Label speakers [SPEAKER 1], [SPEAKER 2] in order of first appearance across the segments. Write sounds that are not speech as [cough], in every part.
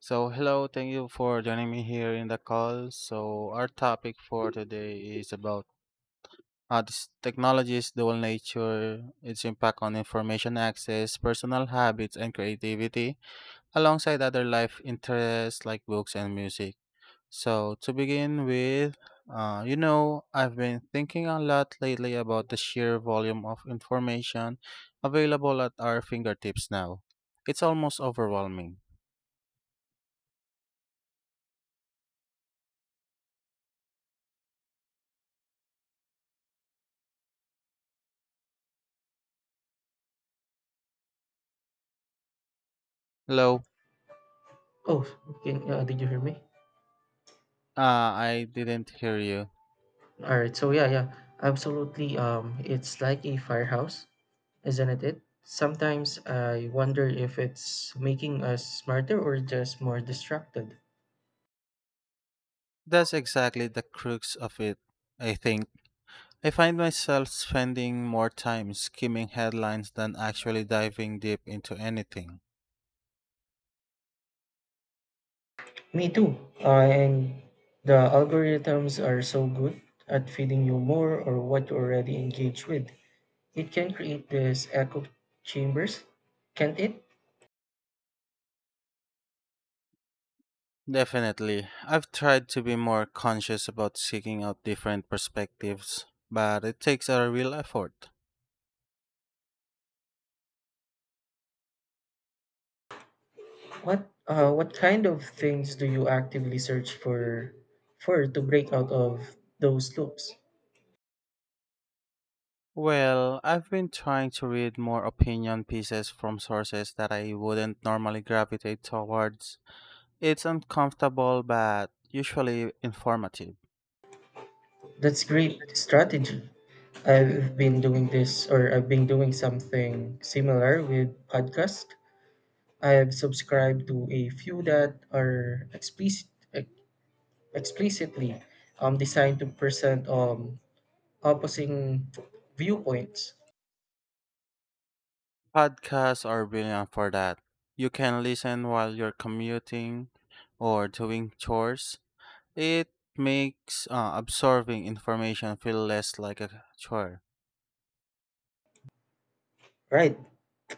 [SPEAKER 1] So, hello, thank you for joining me here in the call. So, our topic for today is about this technology's dual nature, its impact on information access, personal habits, and creativity, alongside other life interests like books and music. So, to begin with, I've been thinking a lot lately about the sheer volume of information available at our fingertips now. It's almost overwhelming. Hello.
[SPEAKER 2] Oh, can, did you hear me?
[SPEAKER 1] Ah, I didn't hear you.
[SPEAKER 2] All right. So yeah, yeah, absolutely. It's like a firehouse, isn't it? It sometimes I wonder if it's making us smarter or just more distracted.
[SPEAKER 1] That's exactly the crux of it, I think. I find myself spending more time skimming headlines than actually diving deep into anything.
[SPEAKER 2] Me too. And the algorithms are so good at feeding you more or what you already engage with. It can create these echo chambers, can't it?
[SPEAKER 1] Definitely. I've tried to be more conscious about seeking out different perspectives, but it takes a real effort.
[SPEAKER 2] What kind of things do you actively search for to break out of those loops?
[SPEAKER 1] Well, I've been trying to read more opinion pieces from sources that I wouldn't normally gravitate towards. It's uncomfortable, but usually informative.
[SPEAKER 2] That's great strategy. I've been doing this or I've been doing something similar with podcast. I've subscribed to a few that are explicit, ex- explicitly designed to present opposing viewpoints.
[SPEAKER 1] Podcasts are brilliant for that. You can listen while you're commuting or doing chores. It makes absorbing information feel less like a chore.
[SPEAKER 2] Right.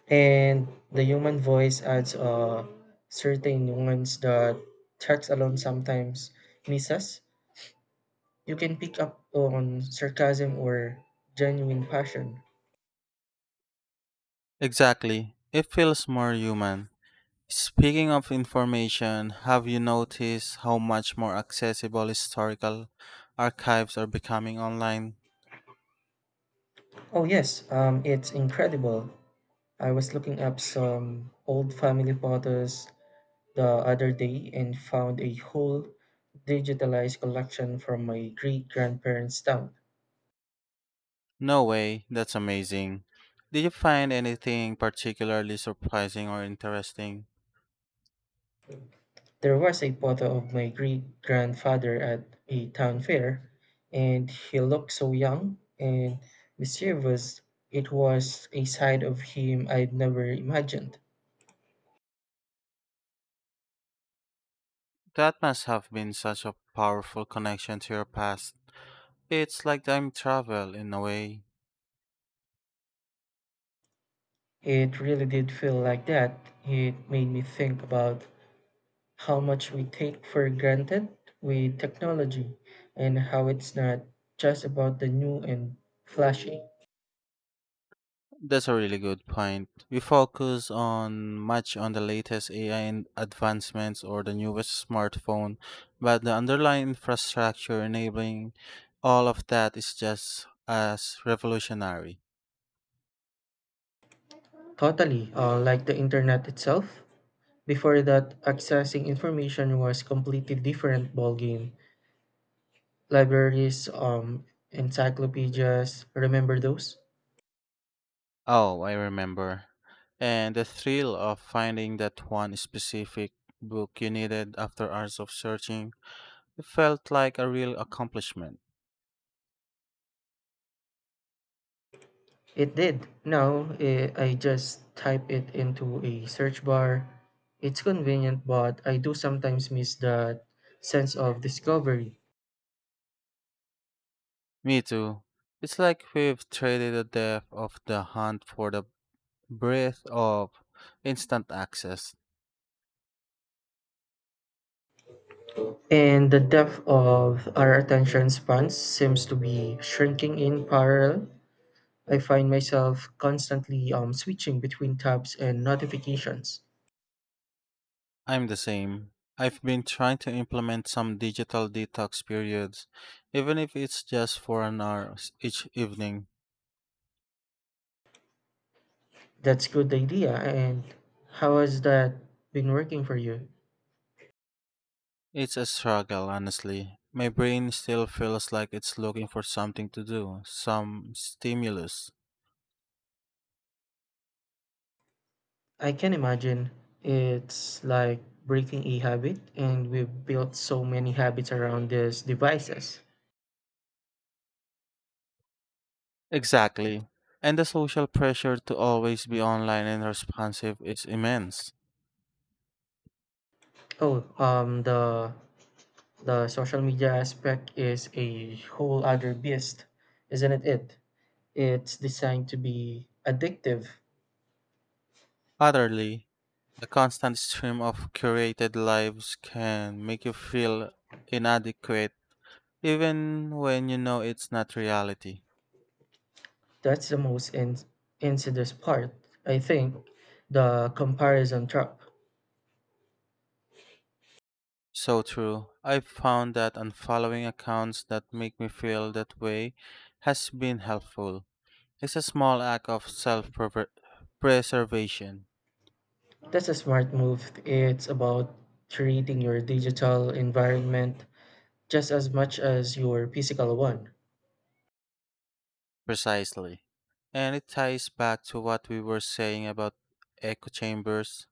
[SPEAKER 2] And the human voice adds a certain nuance that text alone sometimes misses. You can pick up on sarcasm or genuine passion.
[SPEAKER 1] Exactly. It feels more human. Speaking of information, have you noticed how much more accessible historical archives are becoming online?
[SPEAKER 2] Oh, yes, it's incredible. I was looking up some old family photos the other day and found a whole digitalized collection from my great grandparents' town.
[SPEAKER 1] No way, that's amazing. Did you find anything particularly surprising or interesting?
[SPEAKER 2] There was a photo of my great grandfather at a town fair, and he looked so young and mischievous it was a side of him I'd never imagined.
[SPEAKER 1] That must have been such a powerful connection to your past. It's like time travel in a way.
[SPEAKER 2] It really did feel like that. It made me think about how much we take for granted with technology and how it's not just about the new and flashy.
[SPEAKER 1] That's a really good point. We focus on much on the latest AI and advancements or the newest smartphone, but the underlying infrastructure enabling all of that is just as revolutionary.
[SPEAKER 2] Totally, like the internet itself. Before that, accessing information was completely different ballgame. Libraries, encyclopedias, remember those?
[SPEAKER 1] Oh, I remember. And the thrill of finding that one specific book you needed after hours of searching, it felt like a real accomplishment.
[SPEAKER 2] It did. Now I just type it into a search bar. It's convenient, but I do sometimes miss that sense of discovery.
[SPEAKER 1] Me too. It's like we've traded the depth of the hunt for the breadth of instant access.
[SPEAKER 2] And the depth of our attention spans seems to be shrinking in parallel. I find myself constantly switching between tabs and notifications.
[SPEAKER 1] I'm the same. I've been trying to implement some digital detox periods, even if it's just for an hour each evening.
[SPEAKER 2] That's good idea. And how has that been working for you?
[SPEAKER 1] It's a struggle, honestly. My brain still feels like it's looking for something to do, some stimulus.
[SPEAKER 2] I can imagine it's like breaking a habit, and we've built so many habits around these devices.
[SPEAKER 1] Exactly. And the social pressure to always be online and responsive is immense.
[SPEAKER 2] Oh, the social media aspect is a whole other beast, isn't it? It's designed to be addictive.
[SPEAKER 1] Utterly, the constant stream of curated lives can make you feel inadequate even when you know it's not reality.
[SPEAKER 2] That's the most insidious part, I think. The comparison trap.
[SPEAKER 1] So true. I've found that unfollowing accounts that make me feel that way has been helpful. It's a small act of self preservation.
[SPEAKER 2] That's a smart move. It's about treating your digital environment just as much as your physical one.
[SPEAKER 1] Precisely. And it ties back to what we were saying about echo chambers.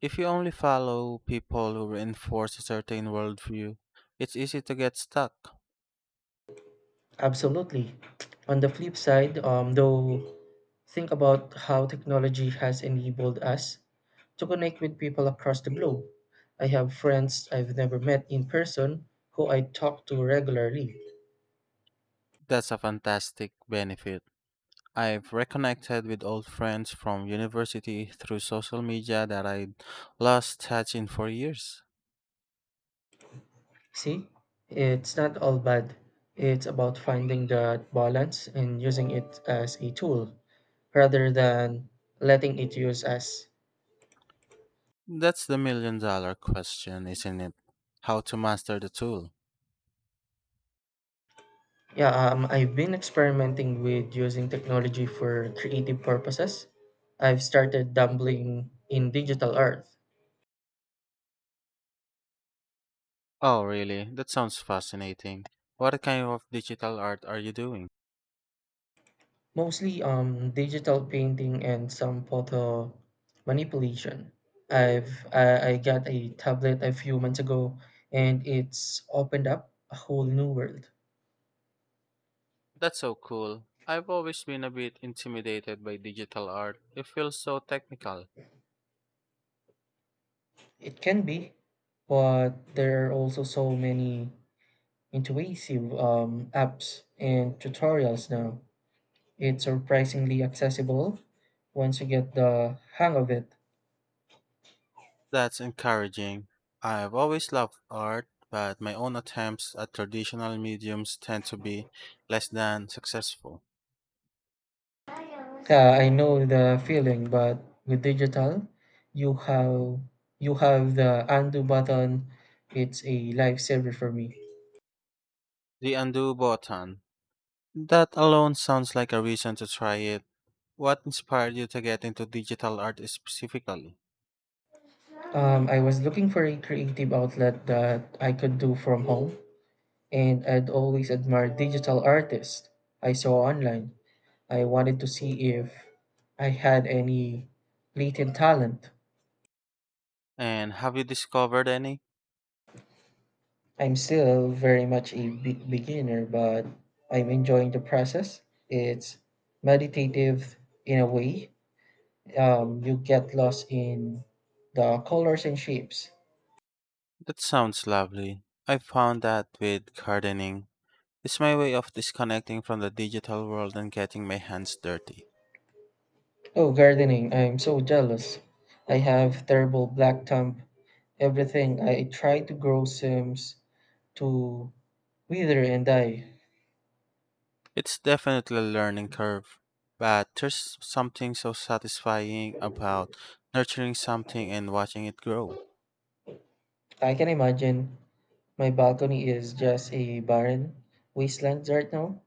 [SPEAKER 1] If you only follow people who reinforce a certain worldview, it's easy to get stuck.
[SPEAKER 2] Absolutely. On the flip side, though, think about how technology has enabled us to connect with people across the globe. I have friends I've never met in person who I talk to regularly.
[SPEAKER 1] That's a fantastic benefit. I've reconnected with old friends from university through social media that I lost touch in for years.
[SPEAKER 2] See, it's not all bad. It's about finding that balance and using it as a tool rather than letting it use us.
[SPEAKER 1] That's the million dollar question, isn't it? How to master the tool.
[SPEAKER 2] Yeah, I've been experimenting with using technology for creative purposes. I've started dabbling in digital art,
[SPEAKER 1] Oh, really? That sounds fascinating. What kind of digital art are you doing?
[SPEAKER 2] mostly digital painting and some photo manipulation. I got a tablet a few months ago, and it's opened up a whole new world.
[SPEAKER 1] That's so cool. I've always been a bit intimidated by digital art. It feels so technical.
[SPEAKER 2] It can be, but there are also so many intuitive apps and tutorials now. It's surprisingly accessible once you get the hang of it.
[SPEAKER 1] That's encouraging. I've always loved art, but my own attempts at traditional mediums tend to be less than successful.
[SPEAKER 2] Yeah, I know the feeling, but with digital, you have you have the undo button. It's a lifesaver for me.
[SPEAKER 1] The undo button. That alone sounds like a reason to try it. What inspired you to get into digital art specifically?
[SPEAKER 2] I was looking for a creative outlet that I could do from home, and I'd always admired digital artists I saw online. I wanted to see if I had any latent talent.
[SPEAKER 1] And have you discovered any?
[SPEAKER 2] I'm still very much a beginner, but I'm enjoying the process. It's meditative in a way. You get lost in the colors and shapes.
[SPEAKER 1] That sounds lovely. I found that with gardening. It's my way of disconnecting from the digital world and getting my hands dirty.
[SPEAKER 2] Oh, gardening, I'm so jealous. I have terrible black thumb. Everything I try to grow seems to Neither and I.
[SPEAKER 1] It's definitely a learning curve, but there's something so satisfying about nurturing something and watching it grow.
[SPEAKER 2] I can imagine my balcony is just a barren wasteland right now.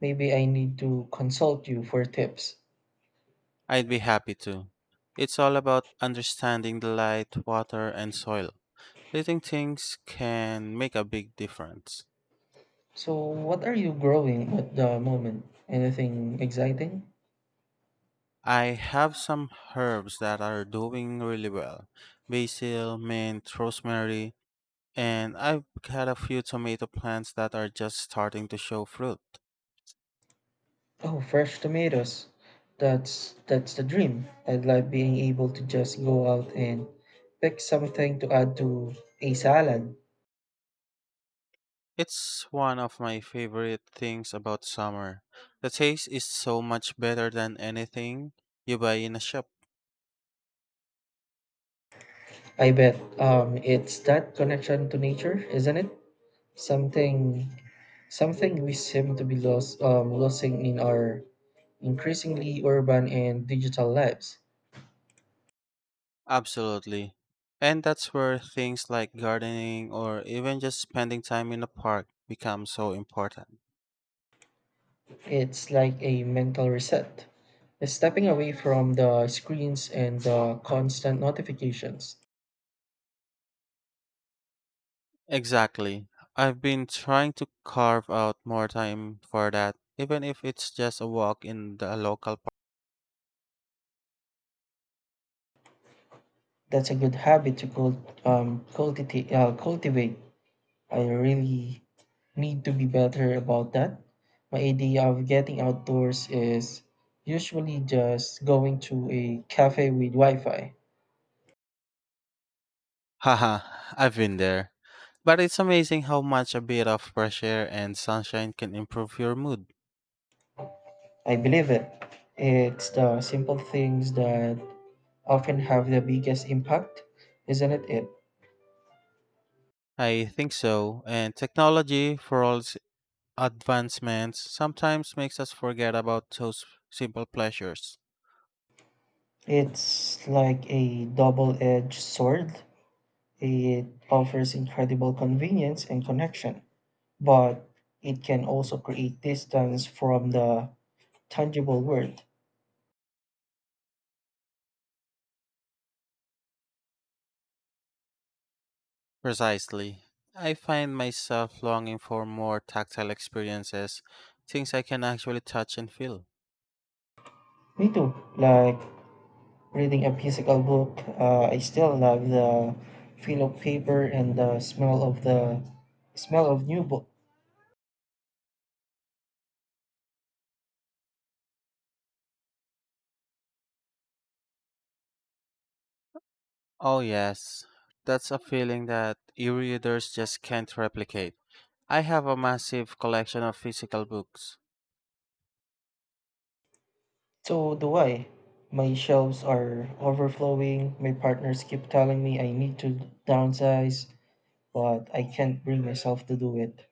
[SPEAKER 2] Maybe I need to consult you for tips.
[SPEAKER 1] I'd be happy to. It's all about understanding the light, water, and soil. Little things can make a big difference.
[SPEAKER 2] So, what are you growing at the moment? Anything exciting?
[SPEAKER 1] I have some herbs that are doing really well: basil, mint, rosemary. And I've had a few tomato plants that are just starting to show fruit.
[SPEAKER 2] Oh, fresh tomatoes. That's the dream. I'd like being able to just go out and pick something to add to a salad.
[SPEAKER 1] It's one of my favorite things about summer. The taste is so much better than anything you buy in a shop.
[SPEAKER 2] I bet it's that connection to nature, isn't it? Something Something we seem to be losing in our increasingly urban and digital lives.
[SPEAKER 1] Absolutely. And that's where things like gardening or even just spending time in a park become so important.
[SPEAKER 2] It's like a mental reset, stepping away from the screens and the constant notifications.
[SPEAKER 1] Exactly. I've been trying to carve out more time for that, even if it's just a walk in the local.
[SPEAKER 2] That's a good habit to cultivate, cultivate. I really need to be better about that. My idea of getting outdoors is usually just going to a cafe with Wi Fi.
[SPEAKER 1] Haha, I've been there. But it's amazing how much a bit of fresh air and sunshine can improve your mood.
[SPEAKER 2] I believe it. It's the simple things that often have the biggest impact, isn't it?
[SPEAKER 1] I think so, and technology, for all its advancements, sometimes makes us forget about those simple pleasures.
[SPEAKER 2] It's like a double edged sword. It offers incredible convenience and connection, but it can also create distance from the tangible world.
[SPEAKER 1] Precisely. I find myself longing for more tactile experiences, things I can actually touch and feel.
[SPEAKER 2] Me too. Like reading a physical book, I still love the feel of paper and the smell of new book.
[SPEAKER 1] Oh, yes, that's a feeling that e readers just can't replicate. I have a massive collection of physical books.
[SPEAKER 2] So do I. My shelves are overflowing. My partners keep telling me I need to downsize, but I can't bring myself to do it.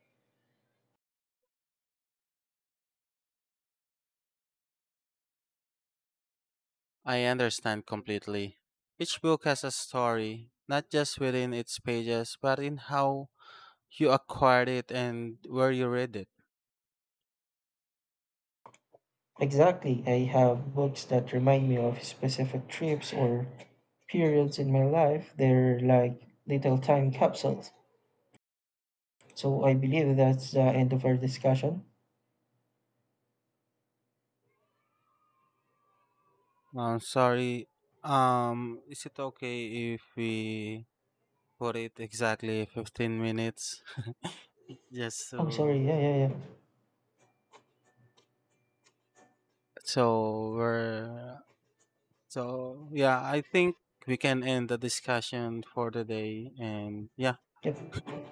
[SPEAKER 1] I understand completely. Each book has a story, not just within its pages, but in how you acquired it and where you read it.
[SPEAKER 2] Exactly. I have books that remind me of specific trips or periods in my life. They're like little time capsules. So I believe that's the end of our discussion.
[SPEAKER 1] I'm sorry. Is it okay if we put it exactly 15 minutes? [laughs] Just
[SPEAKER 2] Oh,
[SPEAKER 1] so
[SPEAKER 2] sorry. Yeah, yeah, yeah.
[SPEAKER 1] so we're so yeah. I think we can end the discussion for the day. And yeah.
[SPEAKER 2] Yep.